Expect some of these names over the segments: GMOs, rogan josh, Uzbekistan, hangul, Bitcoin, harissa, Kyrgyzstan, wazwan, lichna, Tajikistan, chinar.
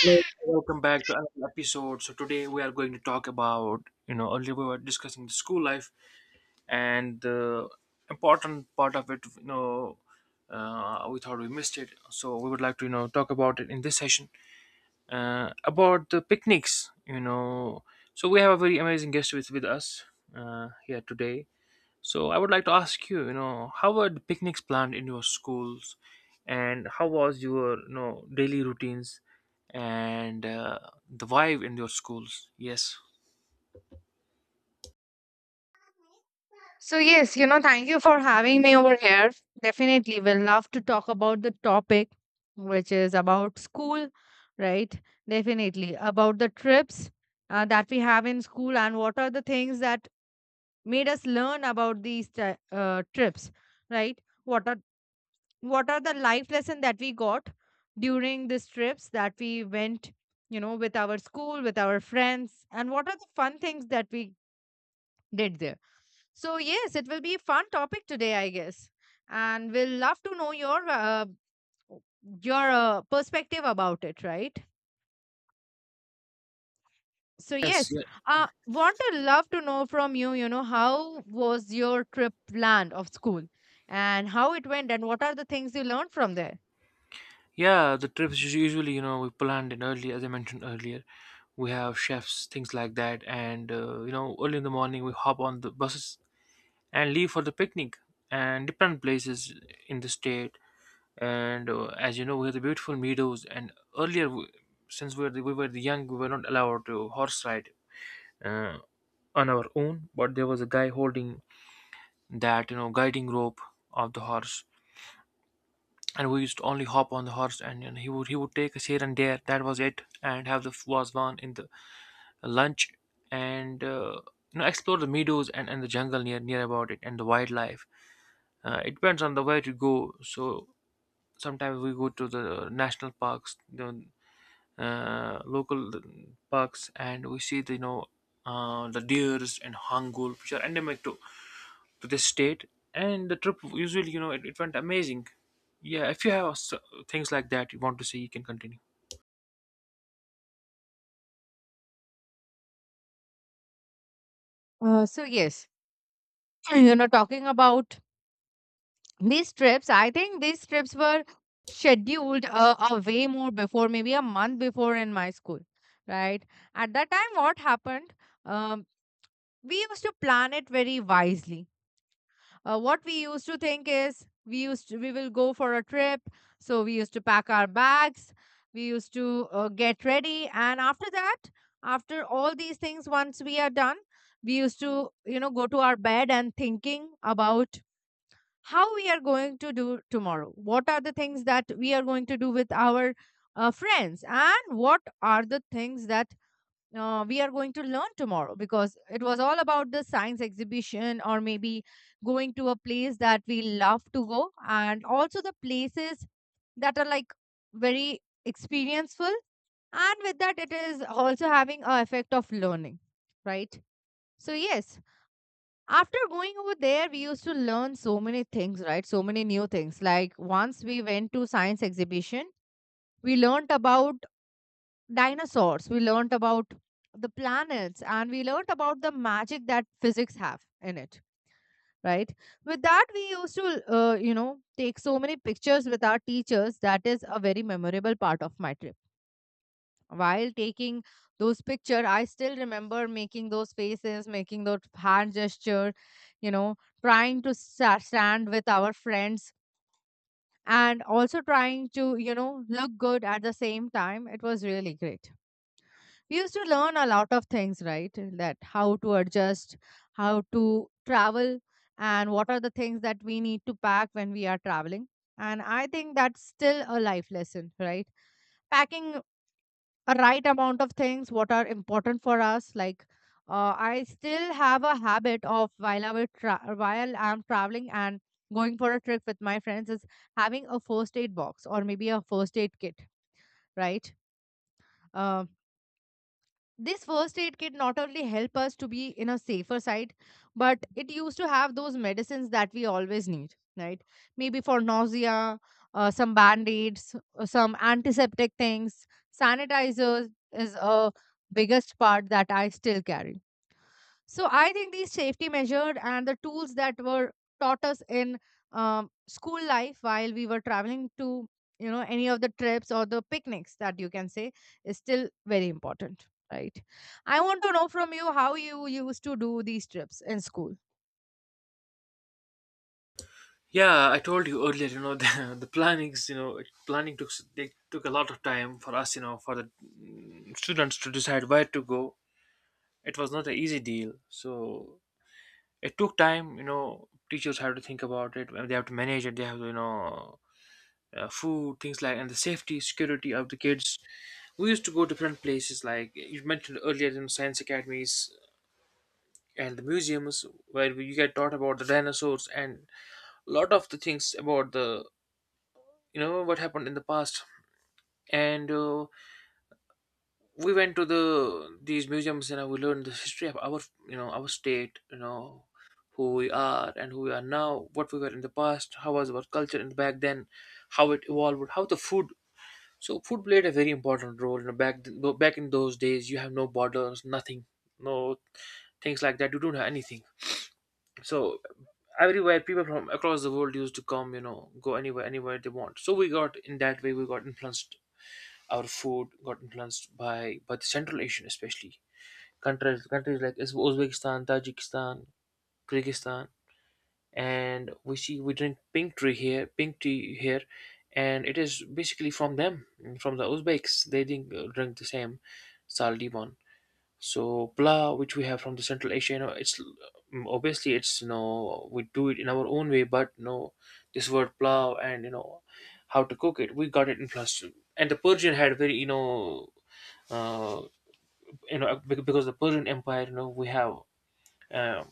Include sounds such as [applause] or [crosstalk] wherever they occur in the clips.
Hello, welcome back to another episode. So today we are going to talk about, earlier we were discussing the school life and the important part of it. We thought we missed it, so we would like to, talk about it in this session, about the picnics. So we have a very amazing guest with us here today. So I would like to ask you, how were the picnics planned in your schools, and how was your, daily routines, and the vibe in your schools? Yes, So, yes, you know, thank you for having me over here. Definitely, we'll love to talk about the topic, which is about school, right? Definitely, about the trips that we have in school and what are the things that made us learn about trips, right? What are the life lesson that we got during these trips that we went, you know, with our school, with our friends, and what are the fun things that we did there. So, yes, it will be a fun topic today, I guess. And we'll love to know your perspective about it, right? So, yes, yes, yeah. Want to love to know from you, you know, how was your trip planned of school and how it went and what are the things you learned from there? Yeah, the trips usually, we planned it early, as I mentioned earlier. We have chefs, things like that, and early in the morning we hop on the buses and leave for the picnic and different places in the state, and as you know, we have the beautiful meadows. And earlier w- since we were, we were the young, we were not allowed to horse ride uh, on our own, but there was a guy holding that, you know, guiding rope of the horse, and we used to only hop on the horse, and he would take us here and there. That was it, and have the wazwan in the lunch, and you know, explore the meadows, and the jungle near about it, and the wildlife. It depends on the way to go, so sometimes we go to the national parks, you, local parks, and we see the, you know, the deers and hangul, which are endemic to this state. And the trip usually, you know, it went amazing. Yeah, if you have things like that you want to see, you can continue. So, yes, [clears throat] you know, talking about these trips, I think these trips were scheduled a way more before, maybe a month before, in my school, right? At that time, what happened, um, we used to plan it very wisely. Uh, what we used to think is we used to, We will go for a trip, so we used to pack our bags, we used to get ready, and after that, after all these things once we are done, we used to, you know, go to our bed and thinking about how we are going to do tomorrow, what are the things that we are going to do with our friends, and what are the things that we are going to learn tomorrow, because it was all about the science exhibition or maybe going to a place that we love to go, and also the places that are like very experienceful, and with that it is also having a effect of learning, right? So yes, after going over there, we used to learn so many things, right? So many new things. Like once we went to science exhibition, we learned about dinosaurs, we learned about the planets, and we learned about the magic that physics have in it, right? With that, we used to, you know, take so many pictures with our teachers. That is a very memorable part of my trip. While taking those picture, I still remember making those faces, making those hand gesture, you know, trying to stand with our friends, and also trying to, you know, look good at the same time. It was really great. We used to learn a lot of things, right? That how to adjust, how to travel, and what are the things that we need to pack when we are traveling. And I think that's still a life lesson, right? Packing a right amount of things, what are important for us. Like I still have a habit of while while I'm traveling and going for a trip with my friends is having a first aid box or maybe a first aid kit, right? Uh, this first aid kit not only help us to be in a safer side, but it used to have those medicines that we always need, right? Maybe for nausea, some band-aids, some antiseptic things. Sanitizers is a biggest part that I still carry. So I think these safety measures and the tools that were taught us in school life while we were traveling to, you know, any of the trips or the picnics that you can say, is still very important, right? I want to know from you how you used to do these trips in school. Yeah, I told you earlier, you know, [laughs] the plannings, you know, planning took they took a lot of time for us, you know, for the students to decide where to go. It was not an easy deal, so it took time. You know, teachers have to think about it, and they have to manage it. They have to, food, things like, and the safety, security of the kids. We used to go to different places, like you mentioned earlier, in science academies and the museums, where we, you get taught about the dinosaurs and a lot of the things about the, you know, what happened in the past. And we went to these museums, and we learned the history of our, you know, our state, you know, who we are and who we are now, what we were in the past, how was our culture in back then, how it evolved, how the food. So food played a very important role. You know, back back in those days, you have no borders, nothing, no things like that. You don't have anything. So everywhere, people from across the world used to come. You know, go anywhere, anywhere they want. So we got in that way. We got influenced. Our food got influenced by the Central Asian, especially countries like Uzbekistan, Tajikistan, Kyrgyzstan. And we see, we drink pink tea here, pink tea here, and it is basically from them, from the Uzbeks. They drink the same sal, so pla, which we have from the Central Asia. You know, it's, obviously, it's, you know, we do it in our own way, but, you know, this word plow, and, you know, how to cook it, we got it in plus. And the Persian had very, you know, uh you know, because the Persian empire, you know, we have uh,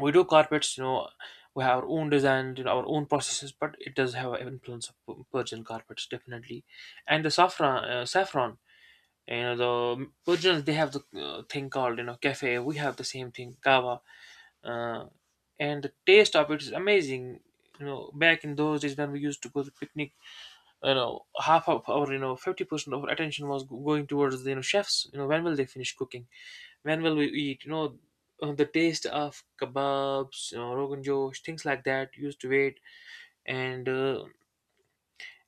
we do carpets, you know, we have our own designs, you know, our own processes, but it does have an influence of Persian carpets, definitely. And the saffron, saffron, you know, the Persians, they have the thing called, you know, cafe, we have the same thing, kava. uh, and the taste of it is amazing. You know, back in those days when we used to go to picnic, you know, half of our, you know, 50% of our attention was going towards the, you know, chefs, you know, when will they finish cooking, when will we eat? The taste of kebabs, you know, rogan josh, things like that used to wait, and uh,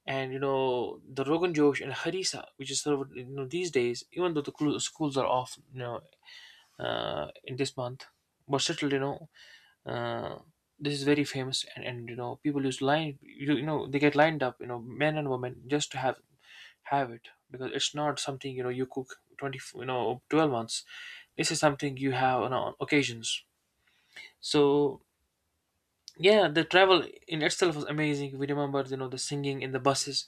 and you know, the rogan josh and harissa, which is served, you know, these days, even though the schools are off, in this month, but still, you know, uh, this is very famous, and you know, people use line, you know, they get lined up, you know, men and women, just to have it, because it's not something, you know, you cook 20, you know, 12 months. This is something you have on occasions. So yeah, the travel in itself was amazing. We remember, you know, the singing in the buses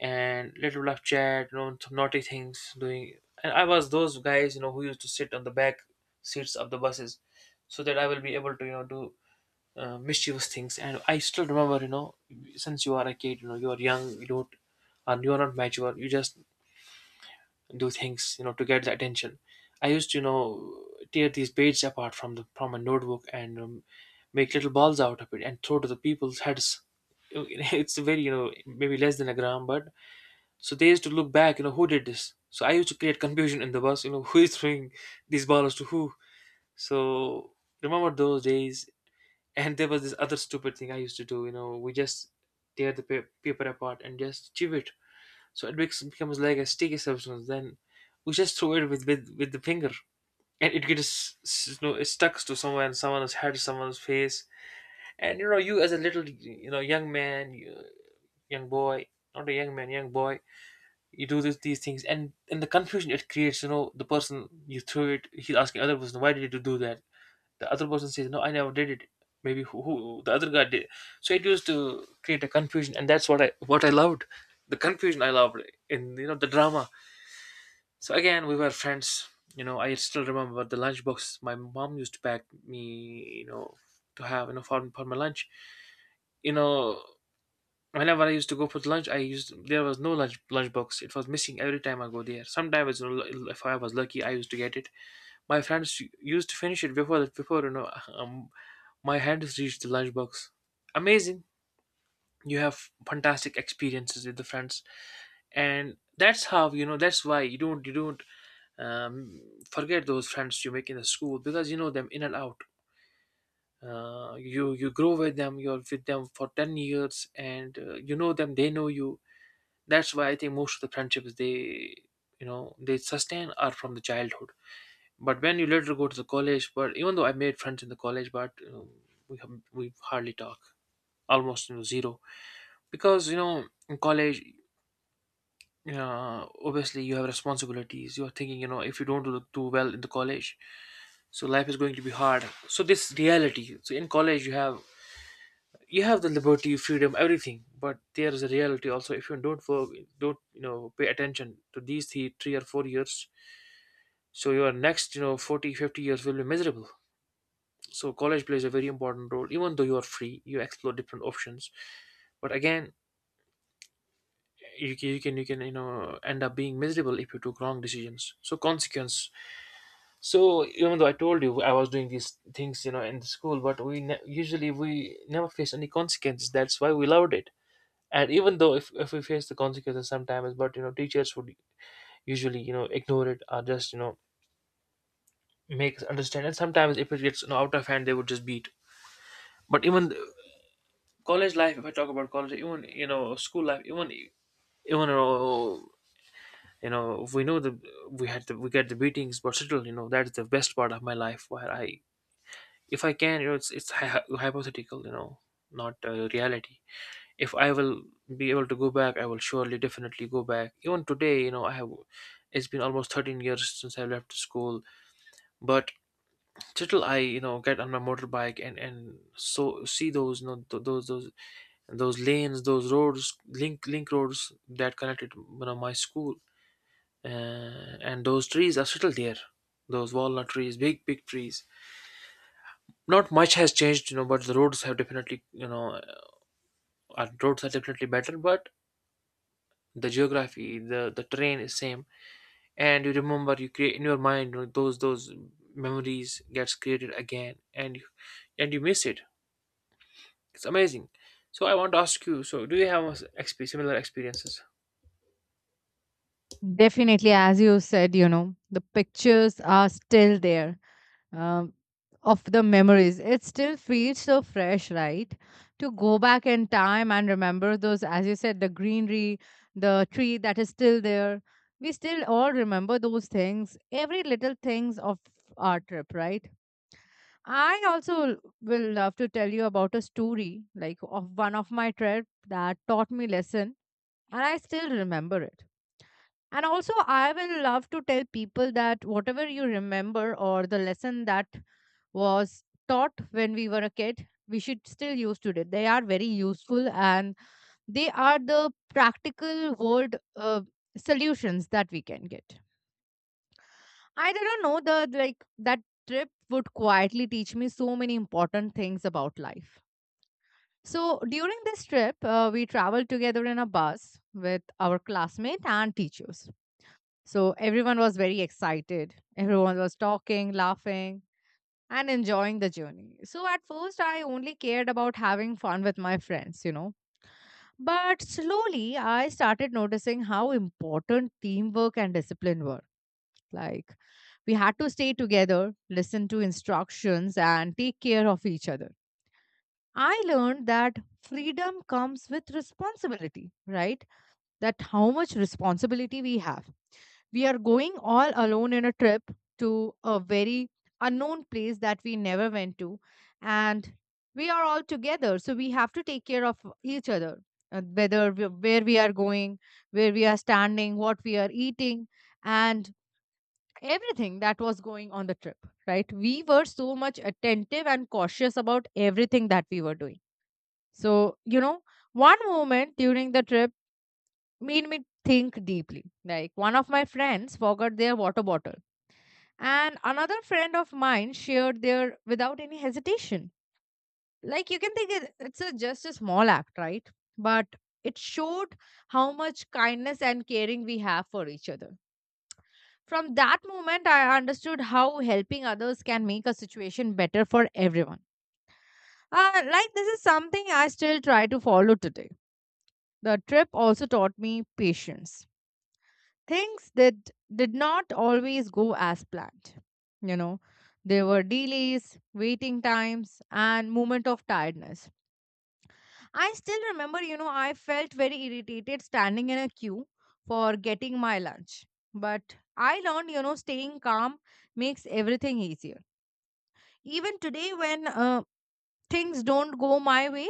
and little love chat, you know, some naughty things doing. And I was those guys, you know, who used to sit on the back seats of the buses, so that I will be able to, you know, do mischievous things. And I still remember, you know, since you are a kid, you know, you are young, you don't, and you are not mature, you just do things, you know, to get the attention. I used to, you know, tear these pages apart from the, from a notebook, and make little balls out of it and throw to the people's heads. [laughs] It's very, you know, maybe less than a gram, but so they used to look back, you know, who did this. So I used to create confusion in the bus, you know, [laughs] who is throwing these balls to who. So, remember those days. And there was this other stupid thing I used to do, you know, we just tear the paper apart and just chew it, so it becomes like a sticky substance. Then we just throw it with the finger, and it gets you know, it stuck to someone, someone's head, someone's face. And you know, you as a little, you know, young man, you, young boy, not a young man, young boy, you do this, these things, and the confusion it creates. You know, the person you threw it, he's asking other person, why did you do that? The other person says, no, I never did it. Maybe who the other guy did. So it used to create a confusion, and that's what I, loved, the confusion I loved in, you know, the drama. So again, we were friends. You know, I still remember the lunchbox my mom used to pack me, you know, to have, you know, for my lunch. You know, whenever I used to go for the lunch, I used, there was no lunchbox. It was missing every time I go there. Sometimes, you know, if I was lucky, I used to get it. My friends used to finish it before that, before, you know, [laughs] my hands reached the lunchbox. Amazing! You have fantastic experiences with the friends, and that's how, you know, that's why you don't, um, forget those friends you make in the school, because you know them in and out. You, you grow with them, you're with them for 10 years, and you know them, they know you. That's why I think most of the friendships, they, you know, they sustain are from the childhood. But when you later go to the college, but even though I made friends in the college, but you know, we have, we hardly talk, almost, you know, zero, because, you know, in college. Yeah, obviously you have responsibilities. You're thinking, you know, if you don't do well in the college, so life is going to be hard. So this reality. So in college you have, the liberty, freedom, everything, but there is a reality also. If you don't work, don't, you know, pay attention to these three, 3 or 4 years, so your next, you know, 40, 50 years will be miserable. So college plays a very important role. Even though you are free, you explore different options. But again, you can, you can you know, end up being miserable if you took wrong decisions. So consequence. So even though I told you I was doing these things, you know, in the school, but we usually we never face any consequences. That's why we loved it. And even though if we face the consequences sometimes, but you know, teachers would usually, you know, ignore it, or just, you know, make us understand. And sometimes if it gets out of hand, they would just beat. But even the college life, if I talk about college, even school life, even you know we know the we get the beatings, but still that's the best part of my life where I, if I can, it's hypothetical, not reality. If I will be able to go back, I will surely definitely go back. Even today, I have. It's been almost 13 years since I left school, but till I, get on my motorbike and so see those, those lanes, those roads, link roads that connected, my school, and those trees are still there. Those walnut trees, big big trees. Not much has changed, but the roads have definitely, and roads are definitely better. But the geography, the terrain is same. And you remember, you create in your mind, those memories gets created again, and you, and you miss it. It's amazing. So I want to ask you, so do you have a similar experiences? Definitely, as you said, you know, the pictures are still there, um, of the memories. It still feels so fresh, right? To go back in time and remember those, as you said, the greenery, the tree that is still there. We still all remember those things, every little things of our trip, right? I also will love to tell you about a story like of one of my trip that taught me lesson, and I still remember it. And also, I will love to tell people that whatever you remember or the lesson that was taught when we were a kid, we should still use today. They are very useful, and they are the practical world solutions that we can get. I didn't know the like that trip would quietly teach me so many important things about life. So during this trip, we traveled together in a bus with our classmate and teachers. So everyone was very excited. Everyone was talking, laughing, and enjoying the journey. So at first, I only cared about having fun with my friends, you know. But slowly, I started noticing how important teamwork and discipline were. Like, we had to stay together, listen to instructions, and take care of each other. I learned that freedom comes with responsibility, right? That how much responsibility we have. We are going all alone in a trip to a very unknown place that we never went to. And we are all together. So we have to take care of each other, whether we, where we are going, where we are standing, what we are eating, and everything that was going on the trip, right? We were so much attentive and cautious about everything that we were doing. So, you know, one moment during the trip made me think deeply. Like one of my friends forgot their water bottle, and another friend of mine shared their without any hesitation. Like you can think it's a, just a small act, right? But it showed how much kindness and caring we have for each other. From that moment, I understood how helping others can make a situation better for everyone. Like this is something I still try to follow today. The trip also taught me patience. Things that did not always go as planned. You know, there were delays, waiting times, and moment of tiredness. I still remember, you know, I felt very irritated standing in a queue for getting my lunch. But I learned, you know, staying calm makes everything easier. Even today, when things don't go my way,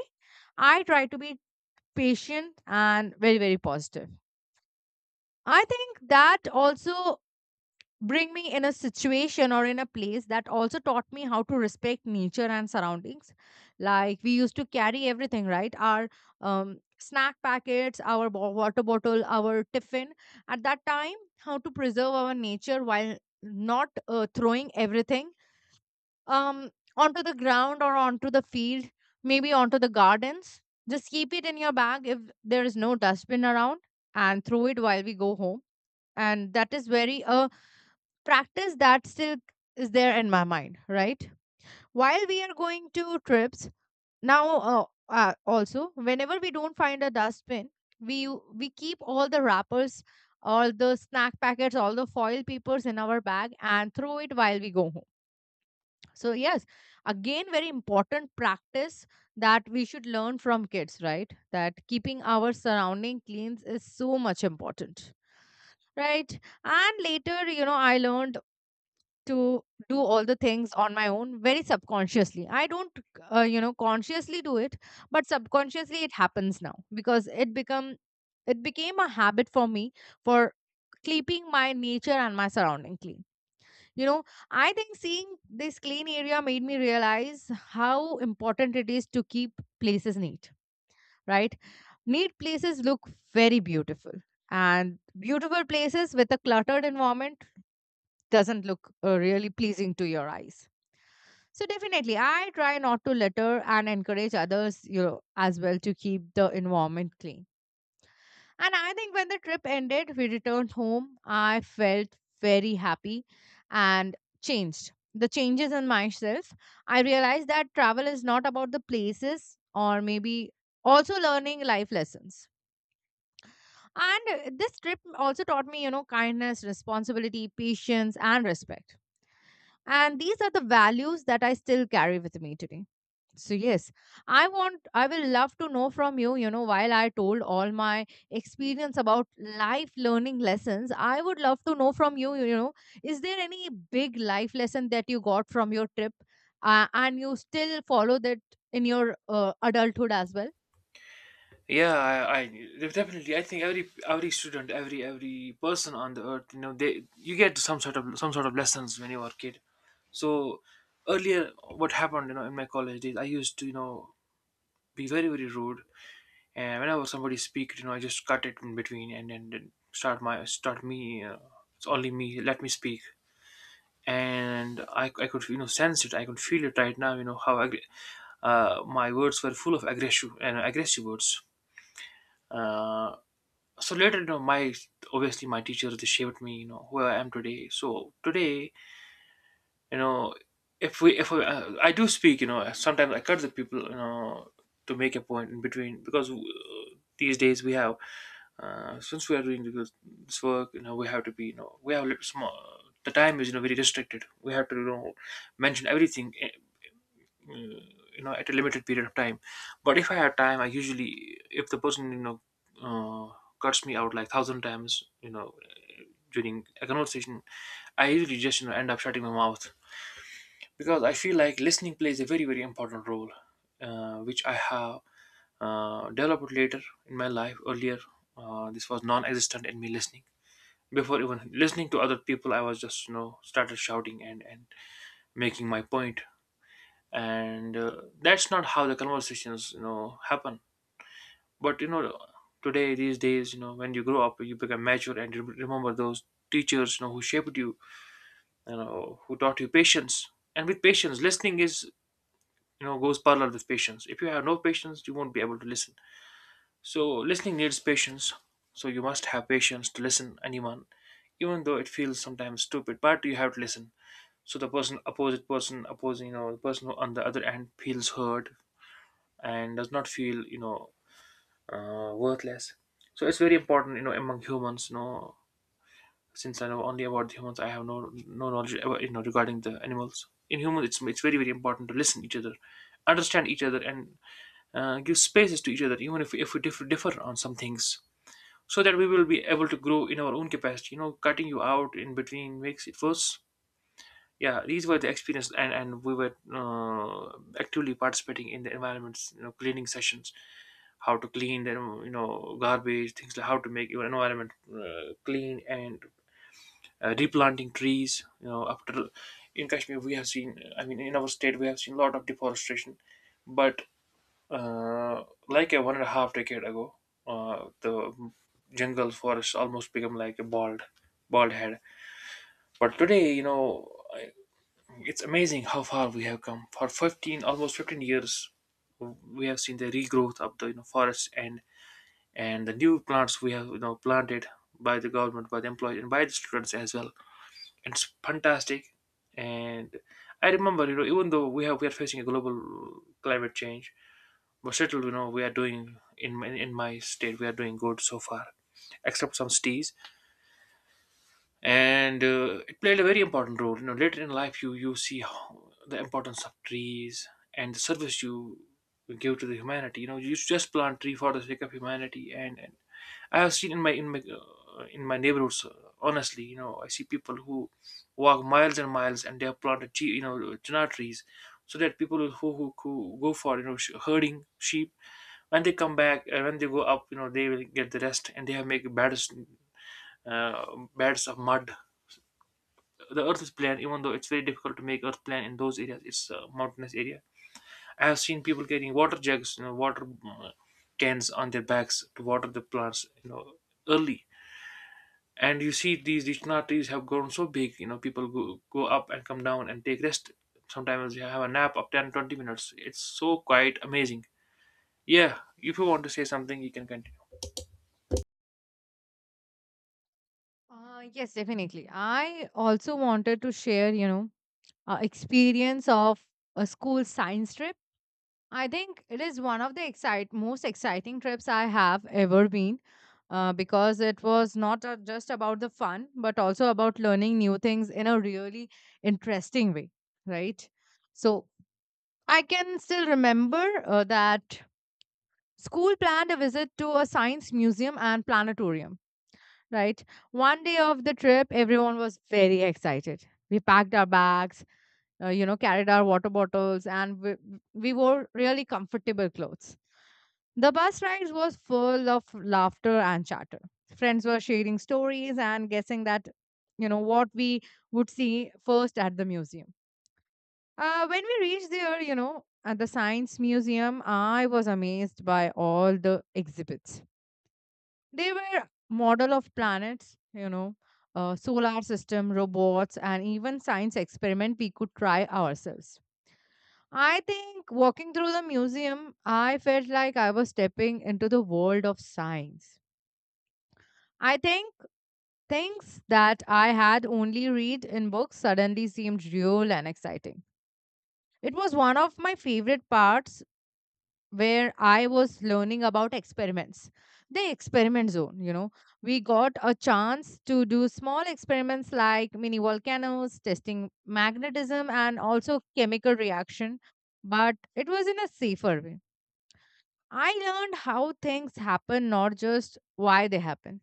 I try to be patient and very, very positive. I think that also bring me in a situation or in a place that also taught me how to respect nature and surroundings. Like we used to carry everything, right, our snack packets, our water bottle, our tiffin. At that time, how to preserve our nature while not throwing everything um, onto the ground or onto the field, maybe onto the gardens. Just keep it in your bag if there is no dustbin around, and throw it while we go home. And that is very a practice that still is there in my mind, right? While we are going to trips now, also whenever we don't find a dustbin, we we keep all the wrappers, all the snack packets, all the foil papers in our bag and throw it while we go home. So yes, again, very important practice that we should learn from kids, right? That keeping our surrounding clean is so much important, right? And later, you know, I learned to do all the things on my own very subconsciously. I don't you know, consciously do it, but subconsciously it happens now because it become it became a habit for me for keeping my nature and my surrounding clean, you know. I think seeing this clean area made me realize how important it is to keep places neat, right? Neat places look very beautiful, and beautiful places with a cluttered environment doesn't look really pleasing to your eyes. So definitely, I try not to litter and encourage others, you know, as well to keep the environment clean. And I think when the trip ended, we returned home. I felt very happy and changed. The changes in myself, I realized that travel is not about the places or maybe also learning life lessons. And this trip also taught me, you know, kindness, responsibility, patience, and respect. And these are the values that I still carry with me today. So, yes, I will love to know from you, you know, while I told all my experience about life learning lessons, I would love to know from you, you know, is there any big life lesson that you got from your trip and you still follow that in your adulthood as well? Yeah, I definitely, I think every student, every person on the earth, they, you get some sort of, some sort of lessons when you are a kid. So earlier, what happened, in my college days, I used to, be very, very rude. And whenever somebody speaks, I just cut it in between, and then start my, start me. It's only me. Let me speak. And I could, sense it. I could feel it right now. You know how my words were full of aggression and aggressive words. Uh, so later, my, obviously my teachers, they shaped me, who I am today. So today, you know, if I, I do speak, sometimes I cut the people, to make a point in between, because these days we have, since we are doing this, this work, we have to be, we have little small. The time is, very restricted. We have to, mention everything, uh, at a limited period of time. But if I have time, I usually, if the person, uh, cuts me out like thousand times, during a conversation, I usually just, end up shutting my mouth, because I feel like listening plays a very, very important role, which I have developed later in my life. Earlier, this was non-existent in me, listening. Before even listening to other people, I was just, started shouting and making my point. And that's not how the conversations, happen. But today, these days, when you grow up, you become mature, and you remember those teachers, who shaped you, you know who taught you patience. And with patience, listening, is goes parallel with patience. If you have no patience, you won't be able to listen. So, listening needs patience. So, you must have patience to listen anyone, even though it feels sometimes stupid, but you have to listen. So, the person, opposite person, opposing, the person who on the other end feels heard and does not feel, worthless. So, it's very important, among humans, since I know only about the humans, I have no, no knowledge about, regarding the animals. In humans, it's very, very important to listen each other, understand each other, and give spaces to each other, even if we differ, differ on some things, so that we will be able to grow in our own capacity. You know, cutting you out in between makes it worse. Yeah, these were the experience. And we were actively participating in the environments, cleaning sessions, how to clean the, garbage things, like how to make your environment clean, and replanting trees, after, in Kashmir we have seen, I mean in our state we have seen a lot of deforestation. But like a one and a half decade ago, the jungle forest almost become like a bald, bald head. But today, it's amazing how far we have come. For 15, almost 15 years, we have seen the regrowth of the, forests, and the new plants we have, planted by the government, by the employees, and by the students as well. It's fantastic. And I remember, even though we are facing a global climate change, but still we are doing, in my state, we are doing good so far, except some cities. And it played a very important role, later in life, you see how the importance of trees and the service you give to the humanity. You know, you just plant tree for the sake of humanity. And I have seen in my, in my in my neighborhoods, honestly, I see people who walk miles and miles, and they have planted tree, chinar trees, so that people who, who go for, herding sheep, when they come back, when they go up, they will get the rest. And they have make beds, uh, beds of mud. The earth is plan, even though it's very difficult to make earth plan in those areas. It's a mountainous area. I have seen people carrying water jugs, water cans on their backs to water the plants, early. And you see these lichna trees have grown so big. You know, go up and come down and take rest. Sometimes you have a nap of 10 to 20 minutes. It's so quite amazing. Yeah, if you want to say something, you can continue. Yes, definitely. I also wanted to share, you know, experience of a school science trip. I think it is one of the excite most exciting trips I have ever been, because it was not just about the fun, but also about learning new things in a really interesting way, right? So I can still remember that school planned a visit to a science museum and planetarium, right? One day of the trip, everyone was very excited. We packed our bags, carried our water bottles, and we wore really comfortable clothes. The bus rides was full of laughter and chatter. Friends were sharing stories and guessing what we would see first at the museum. When we reached there, you know, at the Science Museum, I was amazed by all the exhibits. They were model of planets, solar system, robots, and even science experiment we could try ourselves. I think walking through the museum, I felt like I was stepping into the world of science. I think things that I had only read in books suddenly seemed real and exciting. It was one of my favorite parts where I was learning about experiments, the experiment zone. You know, we got a chance to do small experiments like mini volcanoes, testing magnetism, and also chemical reaction, but it was in a safer way. I learned how things happen, not just why they happen.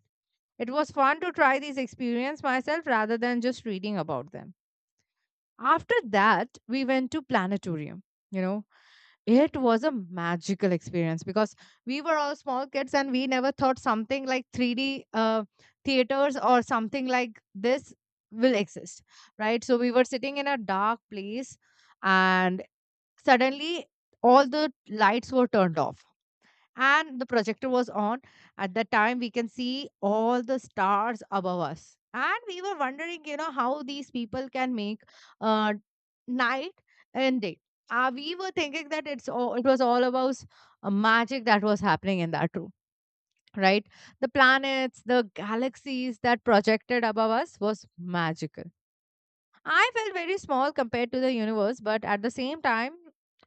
It was fun to try these experiences myself rather than just reading about them. After that, we went to planetarium. You know, it was a magical experience because we were all small kids and we never thought something like 3D theaters or something like this will exist, right? So we were sitting in a dark place and suddenly all the lights were turned off and the projector was on. At that time we can see all the stars above us, and we were wondering, you know, how these people can make uh, night and day. We were thinking that it was all about magic that was happening in that room, right? The planets, the galaxies that projected above us was magical. I felt very small compared to the universe, but at the same time,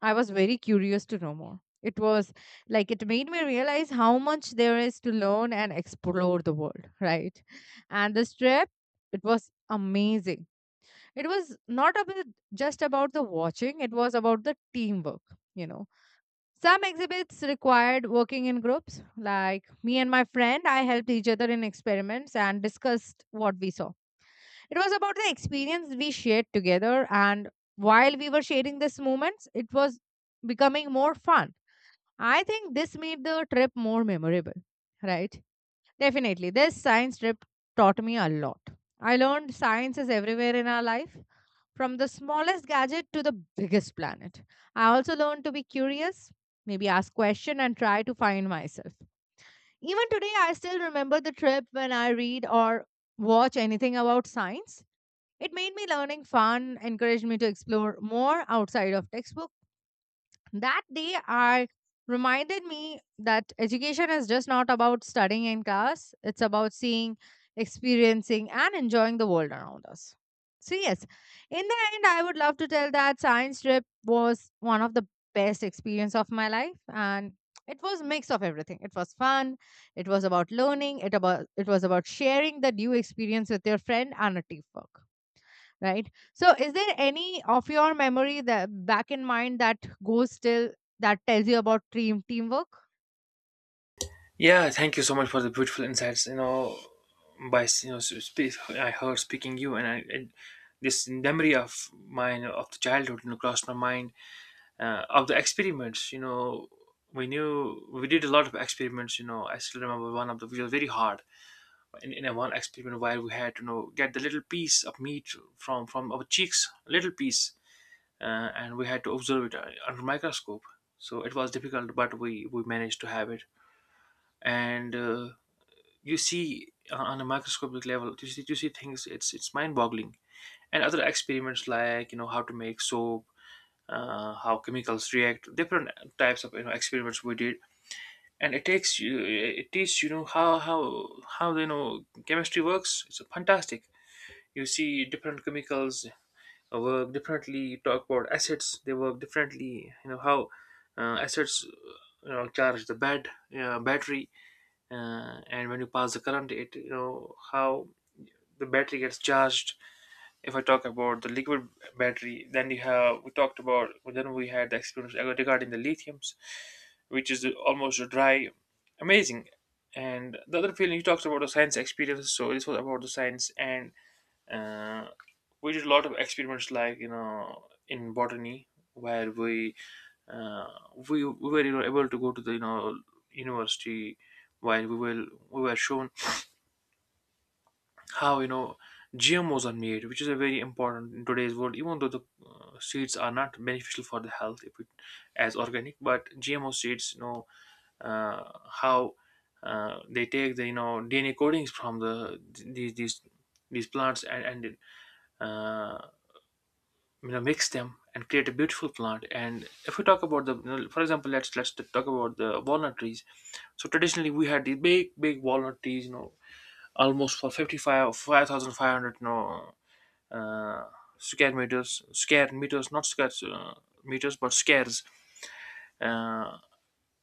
I was very curious to know more. It was like it made me realize how much there is to learn and explore the world, right? And this trip, it was amazing. It was not about just about the watching, it was about the teamwork, you know. Some exhibits required working in groups, like me and my friend, I helped each other in experiments and discussed what we saw. It was about the experience we shared together, and while we were sharing these moments, it was becoming more fun. I think this made the trip more memorable, right? Definitely. This science trip taught me a lot. I learned science is everywhere in our life, from the smallest gadget to the biggest planet. I also learned to be curious, maybe ask question and try to find myself. Even today I still remember the trip. When I read or watch anything about science, it made me learning fun, encouraged me to explore more outside of textbook. That day, I reminded me that education is just not about studying in class, it's about seeing, experiencing, and enjoying the world around us. So, yes, in the end, I would love to tell that science trip was one of the best experience of my life, and it was mix of everything. It was fun, it was about learning, it was about sharing the new experience with your friend and a teamwork, right? So is there any of your memory that back in mind that goes still, that tells you about teamwork? Yeah, thank you so much for the beautiful insights. You know, by, speak, I heard speaking you, and I, it, this memory of mine of the childhood, crossed my mind, of the experiments. You know, we did a lot of experiments. You know, I still remember one of the which was very hard. In a one experiment where we had to, get the little piece of meat from our cheeks, little piece, and we had to observe it under microscope. So it was difficult, but we managed to have it. And. You see on a microscopic level, you see things, it's mind-boggling. And other experiments, like how to make soap, how chemicals react, different types of, experiments we did. And it takes you, it teaches, how chemistry works. It's fantastic. You see different chemicals work differently. Talk about acids, they work differently. You know how acids, charge the bed battery. And when you pass the current, it, how the battery gets charged. If I talk about the liquid battery, then you have, we talked about, then we had the experience regarding the lithiums, which is almost a dry, amazing. And the other feeling, you talked about the science experience, so this was about the science. And uh, we did a lot of experiments, like in botany, where we uh, we were able to go to the, university, while we were shown how, GMOs are made, which is a very important in today's world. Even though the seeds are not beneficial for the health, if it, as organic, but GMO seeds, uh, how they take the, DNA codings from the, these these these plants, and uh, mix them and create a beautiful plant. And if we talk about the, for example, let's talk about the walnut trees. So traditionally we had these big big walnut trees, you know, almost for 55, 5500, you know, uh, square meters, square meters, not square, meters, but squares, uh,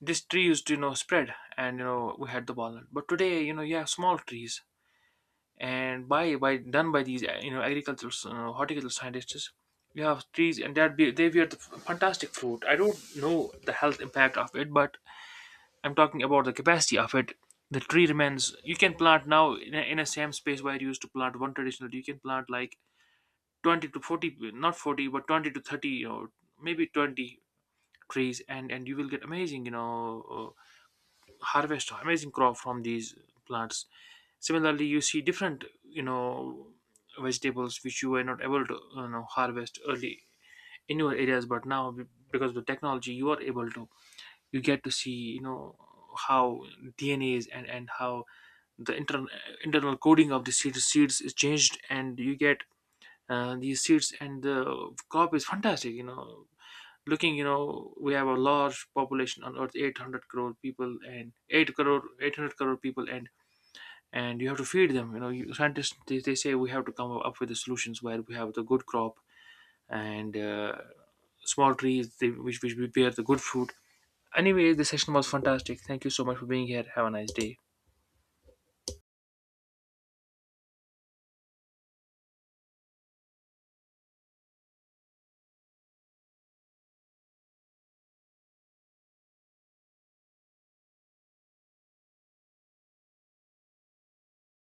this tree used to, spread, and we had the walnut. But today, you have small trees. And by done by these, agricultural, horticultural scientists, you have trees, and they were the fantastic fruit. I don't know the health impact of it, but I'm talking about the capacity of it. The tree remains, you can plant now in a same space where you used to plant one traditional, you can plant like 20 to 40, not 40, but 20 to 30, you know, maybe 20 trees. And you will get amazing, harvest, amazing crop from these plants. Similarly, you see different, vegetables which you were not able to, harvest early in your areas, but now because of the technology, you are able to, you get to see, how DNAs, and how the internal coding of the seeds is changed. And you get these seeds, and the crop is fantastic, you know. Looking, we have a large population on earth, 800 crore people, and 8 crore, 800 crore people, and you have to feed them, you know. You, scientists they say we have to come up with the solutions where we have the good crop, and small trees they, which we bear the good fruit. Anyway, the session was fantastic. Thank you so much for being here. Have a nice day.